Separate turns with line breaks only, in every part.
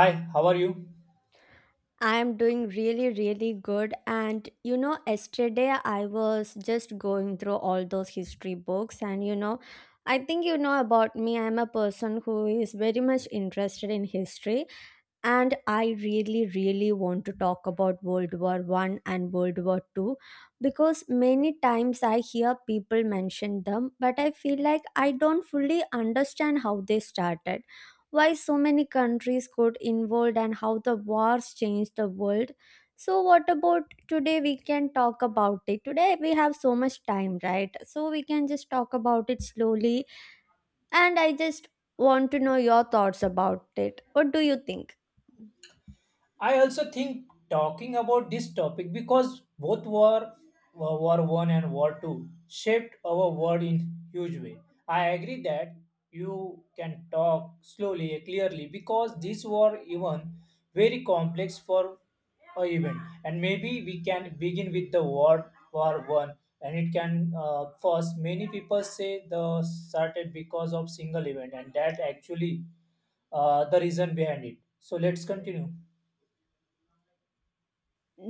Hi, how are you?
I'm doing really, really good. And yesterday I was just going through all those history books, and I think you know about me. I'm a person who is very much interested in history, and I really, really want to talk about world war 1 and world war 2, because many times I hear people mention them, but I feel like I don't fully understand how they started, why so many countries got involved, and how the wars changed the world. So what about today? We can talk about it today. We have so much time, right? So we can just talk about it slowly. And I just want to know your thoughts about it. What do you think?
I also think talking about this topic because both war War One and War Two shaped our world in huge way. I agree that you can talk slowly, clearly, because this war even very complex for a event, and maybe we can begin with the war War One, and it can first many people say the started because of single event, and that actually the reason behind it. So let's continue.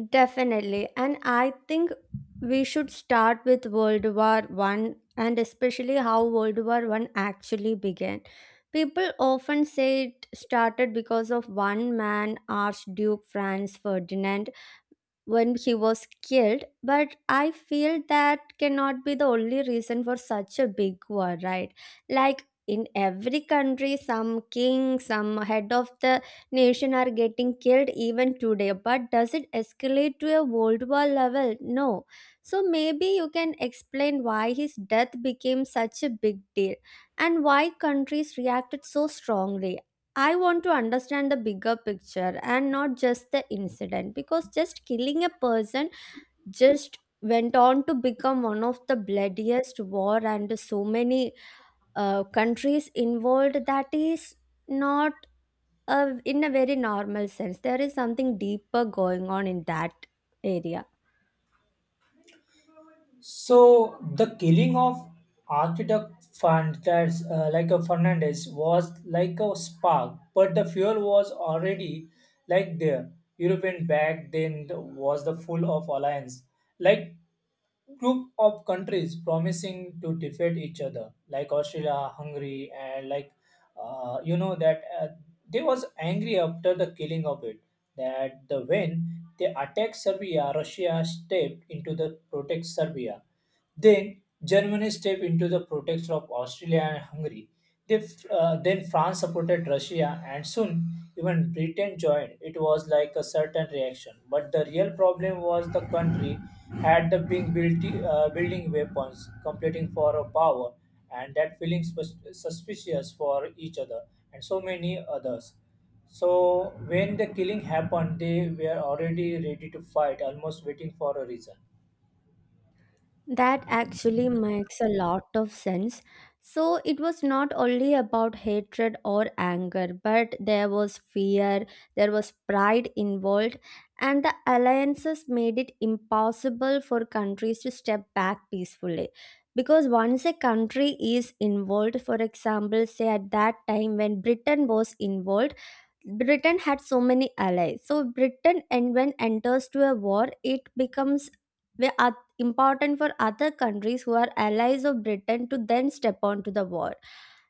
Definitely. And I think we should start with World War One and especially how World War One actually began. People often say it started because of one man, Archduke Franz Ferdinand, when he was killed, but I feel that cannot be the only reason for such a big war, right? Like in every country, some king, some head of the nation are getting killed even today. But does it escalate to a world war level? No. So maybe you can explain why his death became such a big deal and why countries reacted so strongly. I want to understand the bigger picture and not just the incident, because just killing a person just went on to become one of the bloodiest war, and so many countries involved. That is not, in a very normal sense, there is something deeper going on in that area.
So the killing of architect Fernandez, like a Fernandez, was like a spark, but the fuel was already like there. European back then was the full of alliance, like group of countries promising to defeat each other, like Austria, Hungary, and like you know that they was angry after the killing of it that the when they attacked serbia russia stepped into the protect serbia then Germany stepped into the protection of Austria and Hungary. Then France supported Russia, and soon even Britain joined. It was like a certain reaction, but the real problem was the country had the being built, building weapons, competing for a power, and that feeling suspicious for each other and so many others. So when the killing happened, they were already ready to fight, almost waiting for a reason.
That actually makes a lot of sense. So it was not only about hatred or anger, but there was fear, there was pride involved, and the alliances made it impossible for countries to step back peacefully. Because once a country is involved, for example, say at that time when Britain was involved, Britain had so many allies. So Britain, and when enters to a war, it becomes important for other countries who are allies of Britain to then step on to the war.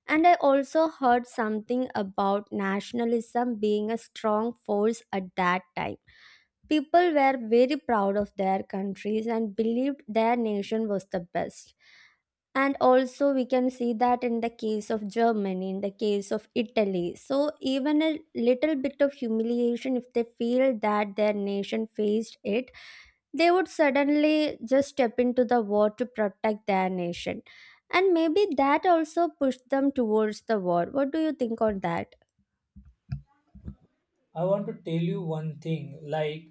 And I also heard something about nationalism being a strong force at that time. People were very proud of their countries and believed their nation was the best. And also we can see that in the case of Germany, in the case of Italy. So even a little bit of humiliation, if they feel that their nation faced it, they would suddenly just step into the war to protect their nation. And maybe that also pushed them towards the war. What do you think on that?
I want to tell you one thing like,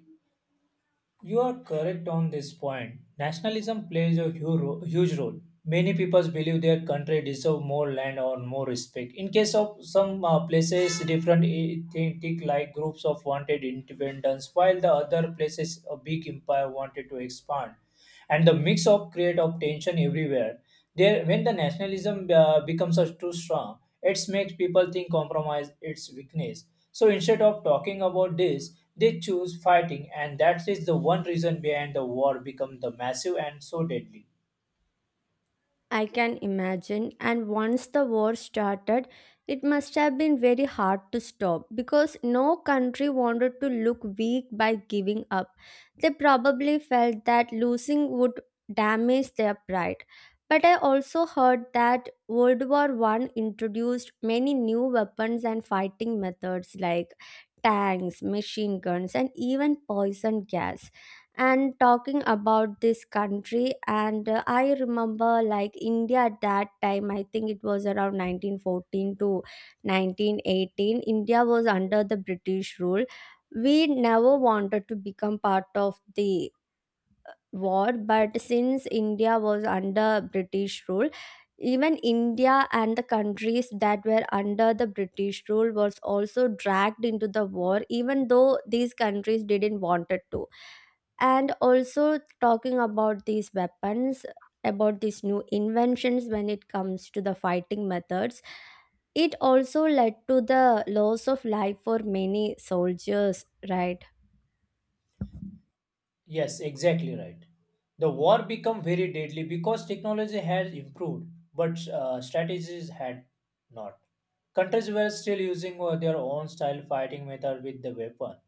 you are correct on this point. Nationalism plays a huge role. Many peoples believe their country deserve more land or more respect. In case of some places, different ethnic like groups of wanted independence, while the other places, a big empire wanted to expand and the mix of create of tension everywhere there when the nationalism becomes a too strong it makes people think compromise its weakness so instead of talking about this they choose fighting and that is the one reason behind the war become the massive and so deadly.
I can imagine. And once the war started, it must have been very hard to stop because no country wanted to look weak by giving up. They probably felt that losing would damage their pride. But I also heard that World War One introduced many new weapons and fighting methods like tanks, machine guns, and even poison gas. And talking about this country, and I remember, like, India at that time, I think it was around 1914 to 1918. India was under the British rule. We never wanted to become part of the war, but since India was under British rule, even India and the countries that were under the British rule was also dragged into the war, even though these countries didn't wanted to. And also talking about these weapons, about these new inventions, when it comes to the fighting methods, it also led to the loss of life for many soldiers, right?
Yes, exactly right. The war become very deadly because technology has improved, but strategies had not. Countries were still using their own style fighting method with the weapon,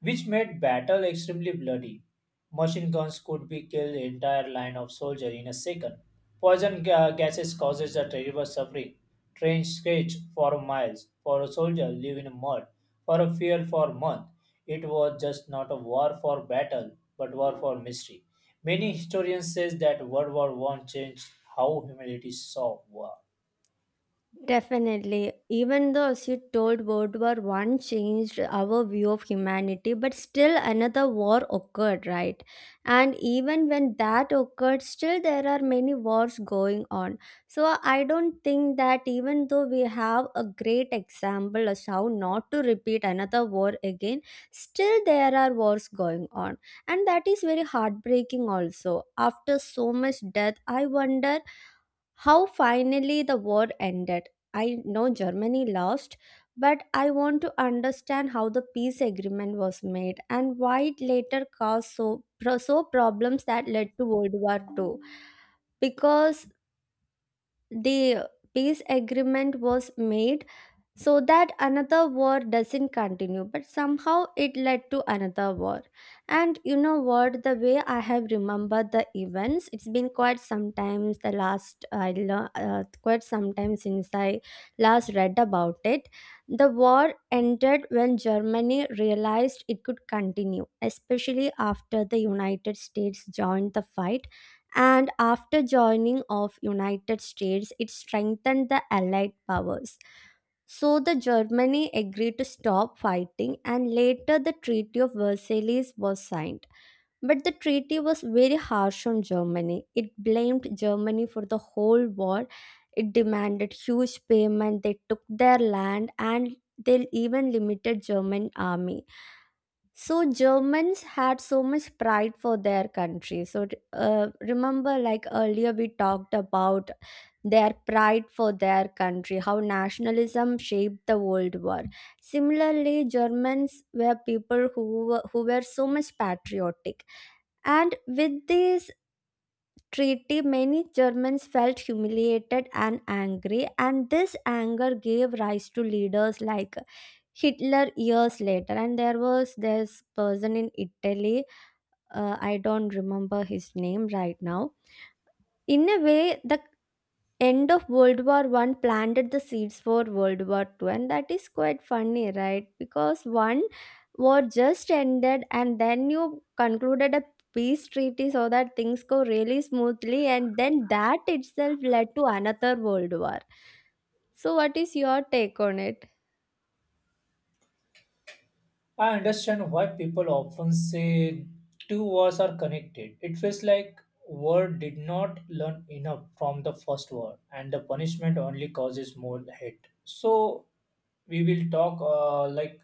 which made battle extremely bloody. Machine guns could be killed entire line of soldiers in a second. Poison gases causes a terrible suffering. Trains stretched for miles for a soldier live in mud for a fear for a month. It was just not a war for battle, but war for mystery. Many historians say that World War One changed how humanity saw war.
Definitely. Even though she told World War One changed our view of humanity, but still another war occurred, right? And even when that occurred, still there are many wars going on. So I don't think that, even though we have a great example as how not to repeat another war again, still there are wars going on. And that is very heartbreaking also. After so much death, I wonder how finally the war ended. I know Germany lost, but I want to understand how the peace agreement was made and why it later caused so problems that led to World War Two. Because the peace agreement was made so that another war doesn't continue, but somehow it led to another war. And you know what, the way I have remembered the events, it's been quite sometimes, the last I learned, quite sometimes since I last read about it. The war ended when Germany realized it could continue, especially after the United States joined the fight. And after joining of United States, it strengthened the Allied powers. So the Germany agreed to stop fighting, and later the Treaty of Versailles was signed. But the treaty was very harsh on Germany. It blamed Germany for the whole war. It demanded huge payment. They took their land and they even limited German army. So Germans had so much pride for their country. So remember, like earlier, we talked about their pride for their country, how nationalism shaped the World War. Similarly, Germans were people who were so much patriotic, and with this treaty, many Germans felt humiliated and angry, and this anger gave rise to leaders like Hitler years later, and there was this person in Italy. I don't remember his name right now. In a way, the end of World War One planted the seeds for World War Two, and that is quite funny, right? Because one war just ended, and then you concluded a peace treaty so that things go really smoothly, and then that itself led to another world war. So, what is your take on it?
I understand why people often say two words are connected. It feels like word did not learn enough from the first word, and the punishment only causes more hate. So we will talk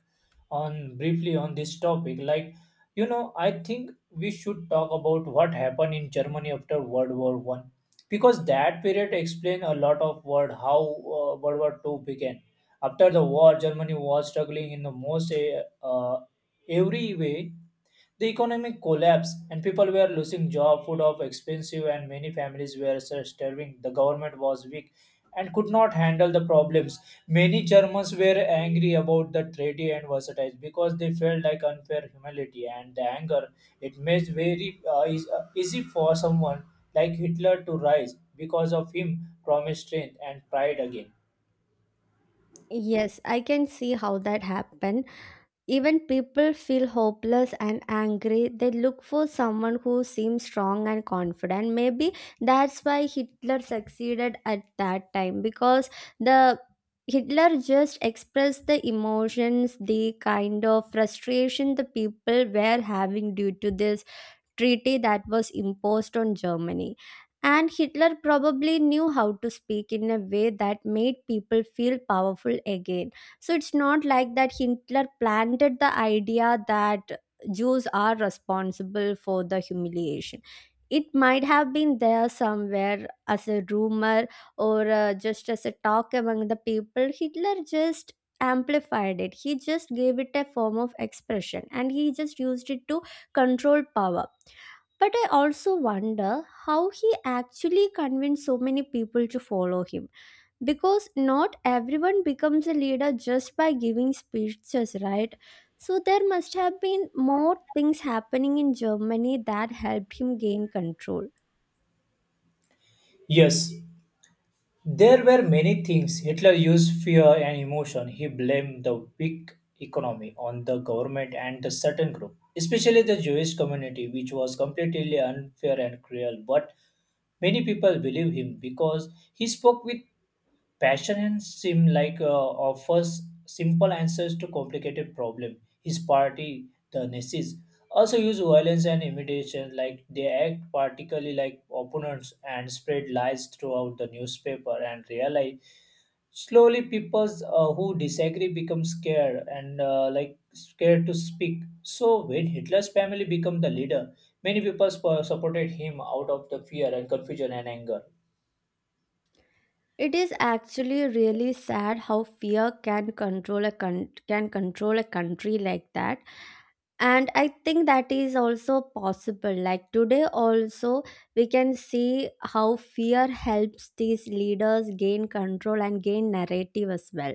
on briefly on this topic. Like you know, I think we should talk about what happened in Germany after World War One, because that period explained a lot of word how World War Two began after the war, Germany was struggling in the most every way. The economic collapse and people were losing job, food of expensive, and many families were starving. The government was weak and could not handle the problems. Many Germans were angry about the treaty and versatile because they felt like unfair humility and the anger. It made very easy for someone like Hitler to rise because of him promised strength and pride again.
Yes, I can see how that happened. Even people feel hopeless and angry. They look for someone who seems strong and confident. Maybe that's why Hitler succeeded at that time, because the Hitler just expressed the emotions, the kind of frustration the people were having due to this treaty that was imposed on Germany. And Hitler probably knew how to speak in a way that made people feel powerful again. So it's not like that Hitler planted the idea that Jews are responsible for the humiliation. It might have been there somewhere as a rumor or just as a talk among the people. Hitler just amplified it. He just gave it a form of expression and he just used it to control power. But I also wonder how he actually convinced so many people to follow him. Because not everyone becomes a leader just by giving speeches, right? So there must have been more things happening in Germany that helped him gain control.
Yes, there were many things. Hitler used fear and emotion. He blamed the weak economy on the government and the certain group, especially the Jewish community, which was completely unfair and cruel. But many people believe him because he spoke with Passion and Sim like offers simple answers to complicated problem. His party, the Nazis, also use violence and intimidation, like they act particularly like opponents and spread lies throughout the newspaper and real life. Slowly, people who disagree become scared and like scared to speak. So when Hitler's family become the leader, many people supported him out of the fear and confusion and anger.
It is actually really sad how fear can control can control a country like that. And I think that is also possible like today also. We can see how fear helps these leaders gain control and gain narrative as well.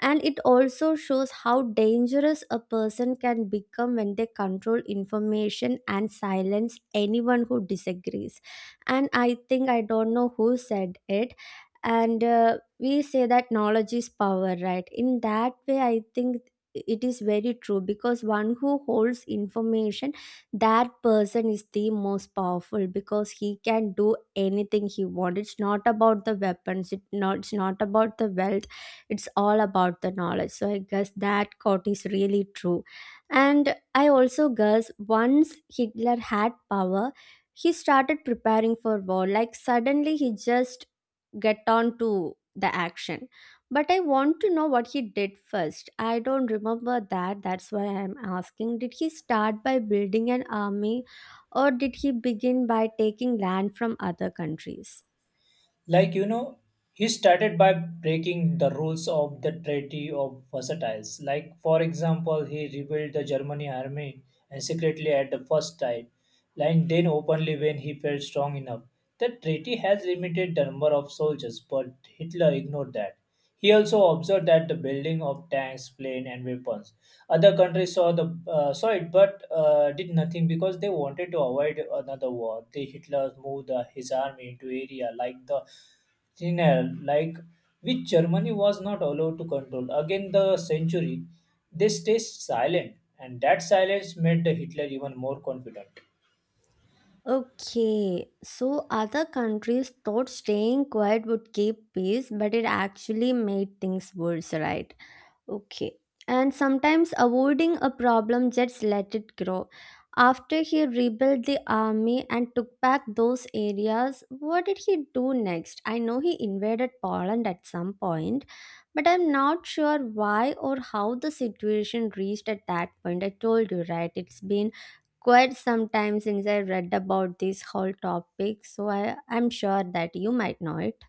And it also shows how dangerous a person can become when they control information and silence anyone who disagrees. And I think, I don't know who said it, and we say that knowledge is power, right? In that way, I think it is very true, because one who holds information, that person is the most powerful, because he can do anything he wants. It's not about the weapons, it's not about the wealth. It's all about the knowledge. So I guess that quote is really true. And I also guess once Hitler had power, he started preparing for war, like suddenly he just get on to the action. But I want to know what he did first. I don't remember that. That's why I'm asking. Did he start by building an army or did he begin by taking land from other countries?
Like, you know, he started by breaking the rules of the Treaty of Versailles. Like, for example, he revealed the Germany army and secretly at the first time, and then openly when he felt strong enough. The treaty has limited the number of soldiers, but Hitler ignored that. He also observed that the building of tanks, planes, and weapons other countries saw the saw it, but did nothing because they wanted to avoid another war. The Hitler moved his army into area like the Rhine, like which Germany was not allowed to control. Again, the century, they stayed silent, and that silence made the Hitler even more confident.
Okay, so other countries thought staying quiet would keep peace, but it actually made things worse, right? Okay. And sometimes avoiding a problem just let it grow. After he rebuilt the army and took back those areas, what did he do next? I know he invaded Poland at some point, but I'm not sure why or how the situation reached at that point. I told you, right? It's been quite some time since I read about this whole topic, so I'm sure that you might know it.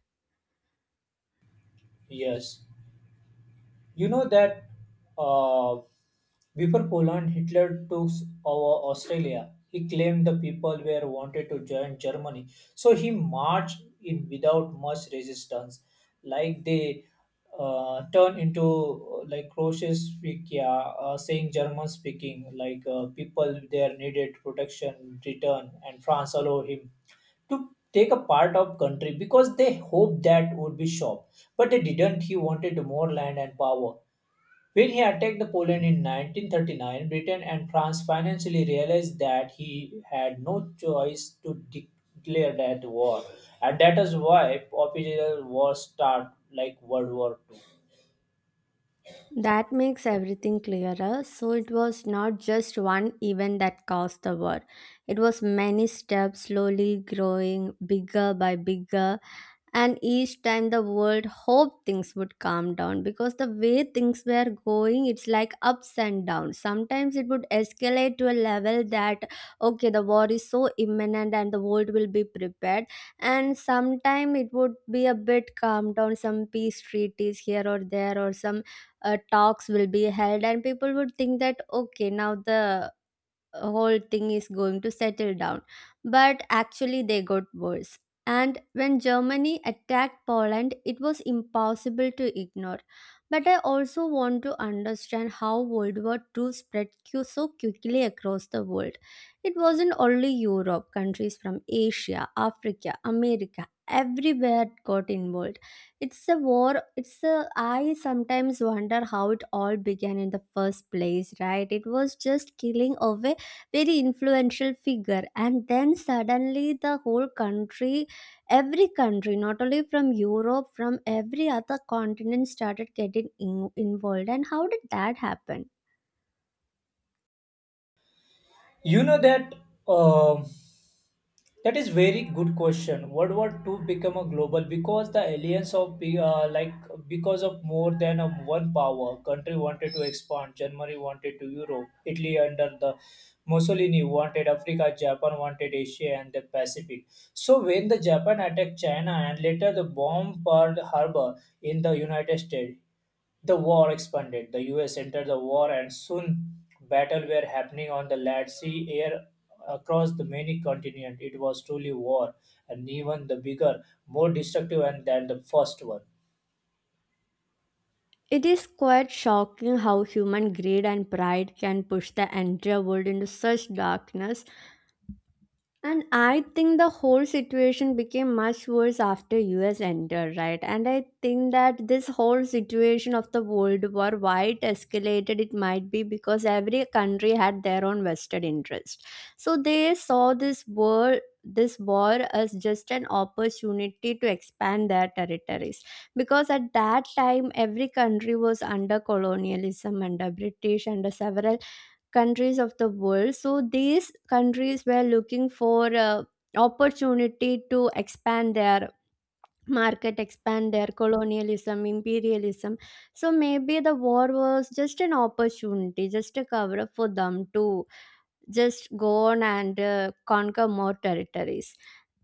Yes. You know that uh, before Poland, Hitler took over Australia. He claimed the people were wanted to join Germany, so he marched in without much resistance. Like they turned into like Croatians speaking, saying German speaking. Like people there needed protection, return, and France allowed him to take a part of country because they hoped that would be shop but they didn't. He wanted more land and power. When he attacked Poland in 1939, Britain and France financially realized that he had no choice to declare that war, and that is why official wars start like World War Two.
That makes everything clearer. So it was not just one event that caused the war. It was many steps slowly growing bigger by bigger. And each time the world hoped things would calm down, because the way things were going, it's like ups and downs. Sometimes it would escalate to a level that, okay, the war is so imminent and the world will be prepared. And sometime it would be a bit calm down, some peace treaties here or there, or some talks will be held and people would think that, okay, now the whole thing is going to settle down. But actually, they got worse. And when Germany attacked Poland, it was impossible to ignore. But I also want to understand how World War Two spread so quickly across the world. It wasn't only Europe. Countries from Asia, Africa, America, everywhere got involved. It's a war, it's a. I sometimes wonder how it all began in the first place, right? It was just killing away very influential figure, and then suddenly the whole country, every country, not only from Europe, from every other continent started getting involved. And how did that happen?
You know that um that is very good question. World War Two become a global because the alliance of like because of more than a one power country wanted to expand. Germany wanted to Europe. Italy under the Mussolini wanted Africa. Japan wanted Asia and the Pacific. So when the Japan attacked China and later the bomb Pearl Harbor in the United States, the war expanded. The US entered the war and soon battle were happening on the land, sea, air across the many continents. It was truly war and even the bigger, more destructive and than the first one.
It is quite shocking how human greed and pride can push the entire world into such darkness. And I think the whole situation became much worse after US entered, right? And I think that this whole situation of the World War, why it escalated, it might be because every country had their own vested interest. So they saw this war as just an opportunity to expand their territories, because at that time every country was under colonialism, under British, under several countries of the world. So these countries were looking for opportunity to expand their market, expand their colonialism, imperialism. So maybe the war was just an opportunity, just a cover up for them to just go on and conquer more territories.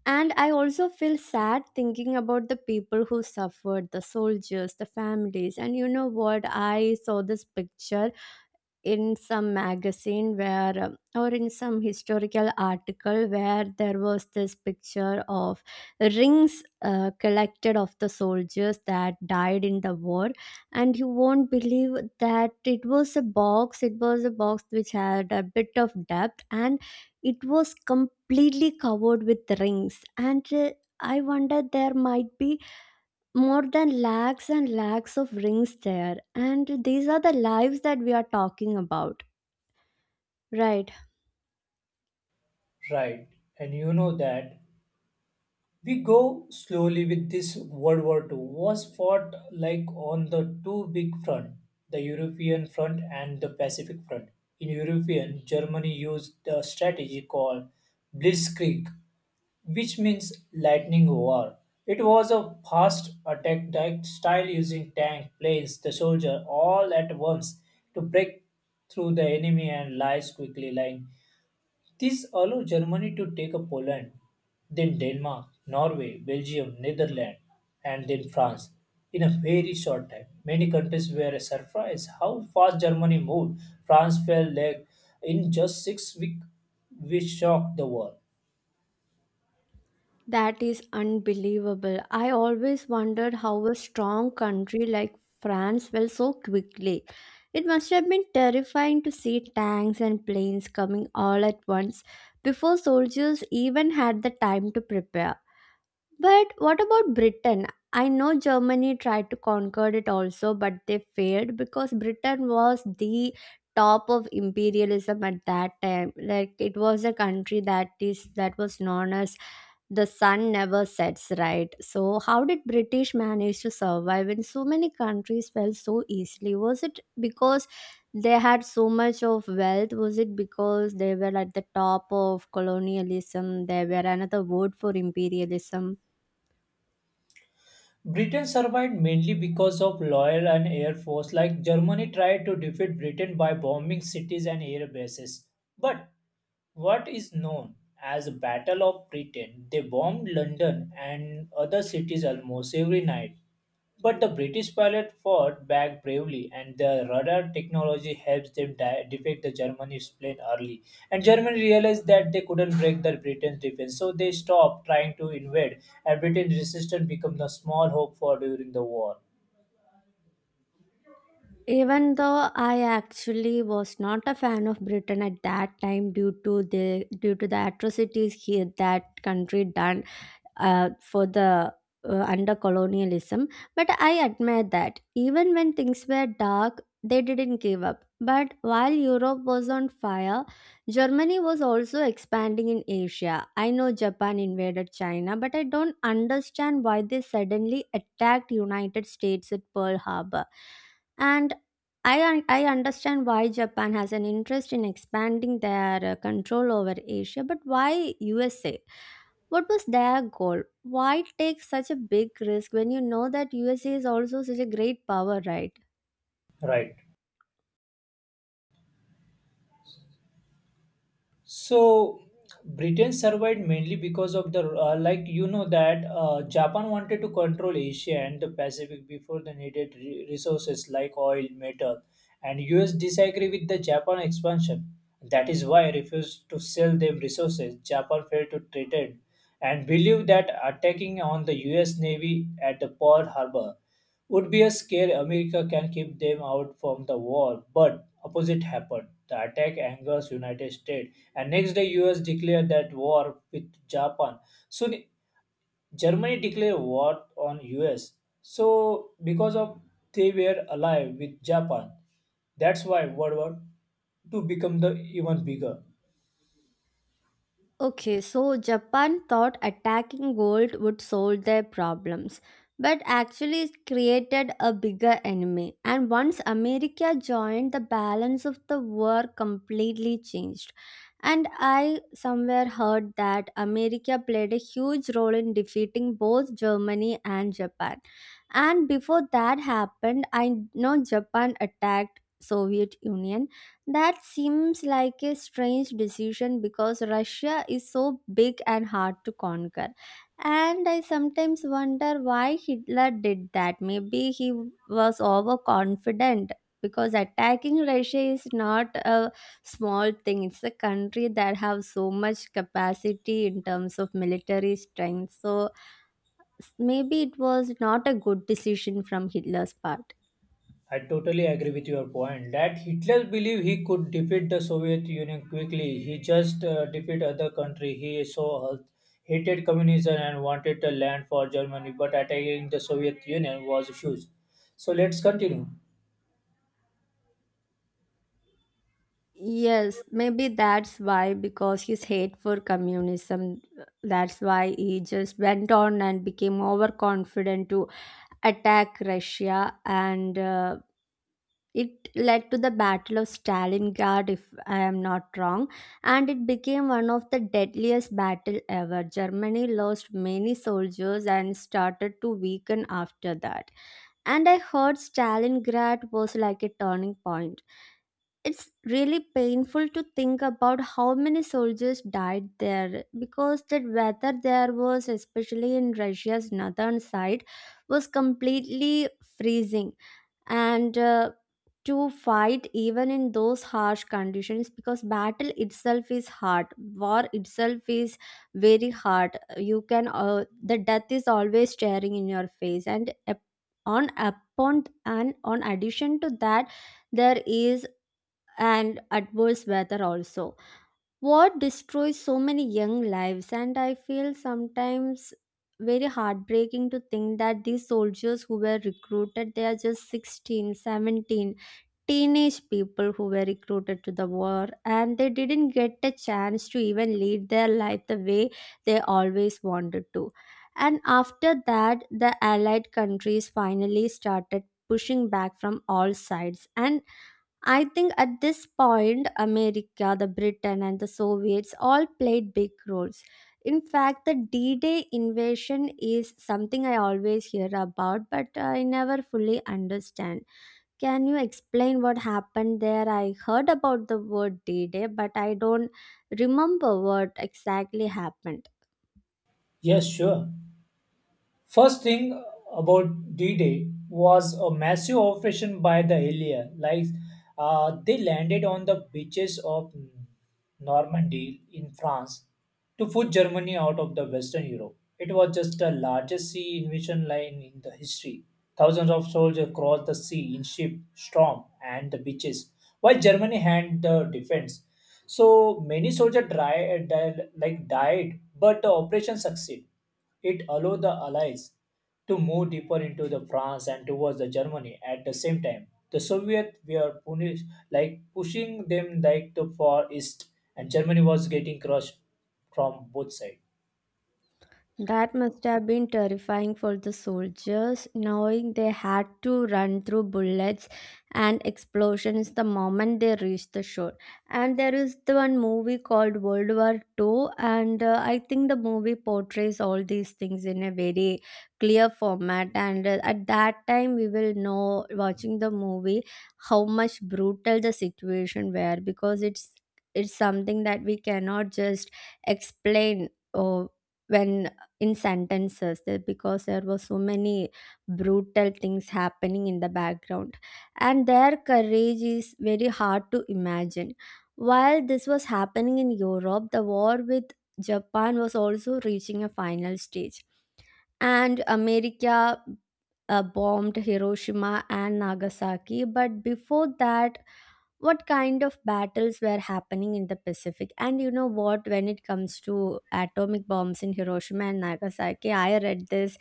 And I also feel sad thinking about the people who suffered, the soldiers, the families. And you know what, I saw this picture in some magazine where or in some historical article, where there was this picture of rings collected of the soldiers that died in the war. And you won't believe that it was a box which had a bit of depth, and it was completely covered with rings. And I wonder, there might be more than lakhs and lakhs of rings there. And these are the lives that we are talking about. Right,
Right. And you know that we go slowly with this World War Two was fought like on the two big front, the European front and the Pacific front. In European, Germany used a strategy called Blitzkrieg, which means lightning war. It was a fast attack type style using tank, planes, the soldier all at once to break through the enemy and lies quickly like this allowed Germany to take up Poland, then Denmark, Norway, Belgium, Netherlands, and then France in a very short time. Many countries were surprised how fast Germany moved. France fell like in just 6 weeks, which shocked the world.
that is unbelievable. I always wondered how a strong country like France fell so quickly. It must have been terrifying to see tanks and planes coming all at once before soldiers even had the time to prepare. But what about Britain? I know Germany tried to conquer it also, but they failed because Britain was the top of imperialism at that time. Like, it was a country that was known as the sun never sets, right? So how did British manage to survive when so many countries fell so easily? Was it because they had so much of wealth? Was it because they were at the top of colonialism, they were another word for imperialism?
Britain survived mainly because of loyal and air force like Germany tried to defeat Britain by bombing cities and air bases. But what is known as the Battle of Britain, they bombed London and other cities almost every night. But the British pilot fought back bravely, and the radar technology helped them defect the Germany's plane early. And Germany realized that they couldn't break the Britain's defense, so they stopped trying to invade, and Britain's resistance became the small hope for during the war.
Even though I actually was not a fan of Britain at that time, due to the atrocities here that country done for the under colonialism, but I admire that even when things were dark, they didn't give up. But while Europe was on fire, Germany was also expanding in Asia. I know Japan invaded China, but I don't understand why they suddenly attacked United States at Pearl Harbor. And I understand why Japan has an interest in expanding their control over Asia, but why USA? What was their goal? Why take such a big risk when you know that USA is also such a great power, right?
Right. So Britain survived mainly because of the like you know that Japan wanted to control Asia and the Pacific before they needed resources like oil, metal, and US disagree with the Japan expansion. That is why refused to sell them resources. Japan failed to threaten and believed that attacking on the US Navy at the Pearl Harbor would be a scare America can keep them out from the war, but opposite happened. The attack angers United States, and next day US declared that war with Japan. Soon Germany declared war on US. So because of they were alive with Japan, that's why World War Two became the even bigger.
Okay, so Japan thought attacking gold would solve their problems, but actually it created a bigger enemy. And once America joined, the balance of the war completely changed. And I somewhere heard that America played a huge role in defeating both Germany and Japan. And before that happened, I know Japan attacked Soviet Union. That seems like a strange decision because Russia is so big and hard to conquer. And I sometimes wonder why Hitler did that. Maybe he was overconfident, because attacking Russia is not a small thing. It's a country that has so much capacity in terms of military strength. So maybe it was not a good decision from Hitler's part.
I totally agree with your point that Hitler believed he could defeat the Soviet Union quickly. He just defeat other country. He so hated communism and wanted the land for Germany, but attacking the Soviet Union was huge. So let's continue.
Yes, maybe that's why, because his hate for communism, that's why he just went on and became overconfident to attack Russia. And it led to the Battle of Stalingrad, if I am not wrong. And it became one of the deadliest battle ever. Germany lost many soldiers and started to weaken after that. And I heard Stalingrad was like a turning point. It's really painful to think about how many soldiers died there, because that weather there was, especially in Russia's northern side, was completely freezing. And to fight even in those harsh conditions, because battle itself is hard, war itself is very hard. You can the death is always staring in your face, and on upon and on addition to that, there is and adverse weather also, what destroys so many young lives. And I feel sometimes very heartbreaking to think that these soldiers who were recruited, they are just 16, 17, teenage people who were recruited to the war, and they didn't get a chance to even lead their life the way they always wanted to. And after that the allied countries finally started pushing back from all sides. And I think at this point, America, the Britain, and the Soviets all played big roles. In fact, the D Day invasion is something I always hear about, but I never fully understand. Can you explain what happened there? I heard about the word D Day, but I don't remember what exactly happened.
Yes, sure. First thing about D-Day was a massive operation by the Allies. Like they landed on the beaches of Normandy in France to put Germany out of the Western Europe. It was just the largest sea invasion line in the history. Thousands of soldiers crossed the sea in ship, storm, and the beaches, while Germany had the defense. So many soldiers died, but the operation succeeded it allowed the Allies to move deeper into the France and towards the Germany at the same time. The Soviets were punished, like pushing them like the far east, and Germany was getting crushed from both sides.
That must have been terrifying for the soldiers, knowing they had to run through bullets and explosions the moment they reached the shore. And there is the one movie called World War Two, and I think the movie portrays all these things in a very clear format. And at that time, we will know watching the movie how much brutal the situation were, because it's something that we cannot just explain. Or when in sentences there, because there were so many brutal things happening in the background, and their courage is very hard to imagine. While this was happening in Europe, the war with Japan was also reaching a final stage. And America bombed Hiroshima and Nagasaki. But before that, what kind of battles were happening in the Pacific? And you know what, when it comes to atomic bombs in Hiroshima and Nagasaki, I read this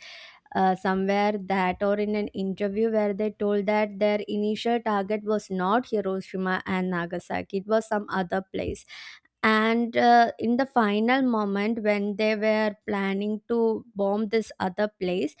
somewhere that, or in an interview, where they told that their initial target was not Hiroshima and Nagasaki, it was some other place. And in the final moment, when they were planning to bomb this other place,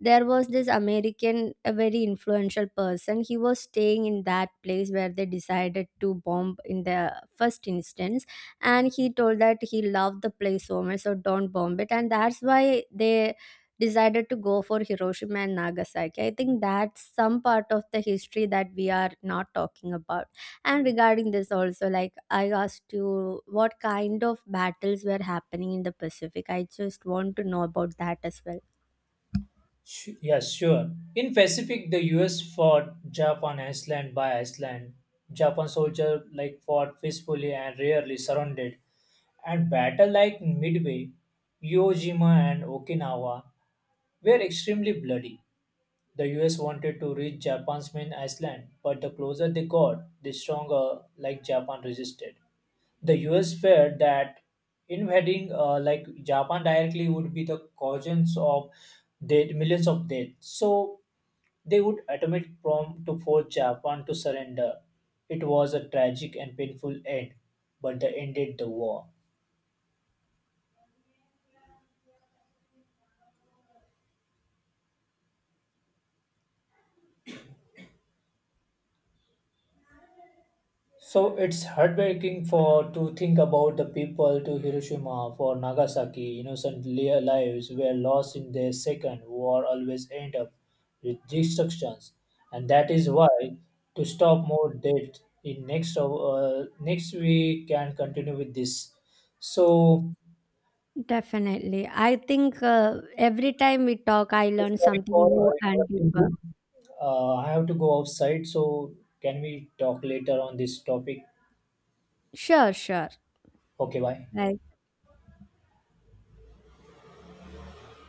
there was this American, a very influential person. He was staying in that place where they decided to bomb in the first instance. And he told that he loved the place so much, so don't bomb it. And that's why they decided to go for Hiroshima and Nagasaki. I think that's some part of the history that we are not talking about. And regarding this also, like I asked you what kind of battles were happening in the Pacific. I just want to know about that as well.
Yes, sure. In Pacific, the U.S. fought Japan Iceland by Iceland. Japan soldier like fought peacefully and rarely surrounded. And battle like Midway, Iwo Jima, and Okinawa were extremely bloody. The US wanted to reach Japan's main island, but the closer they got, the stronger like Japan resisted. The US feared that invading like Japan directly would be the causes of dead millions of dead. So they would attempt prom to force Japan to surrender. It was a tragic and painful end, but they ended the war. So it's heartbreaking for to think about the people to Hiroshima for Nagasaki. Innocent lives were lost in the second war. Always end up with destructions, and that is why to stop more death in next we can continue with this. So,
Definitely. I think every time we talk, I
so
learn
sorry
something
for
new and
interrupting you.
deeper.
I have to go outside. So can we talk later on this topic?
Sure, sure.
Okay, bye.
Like,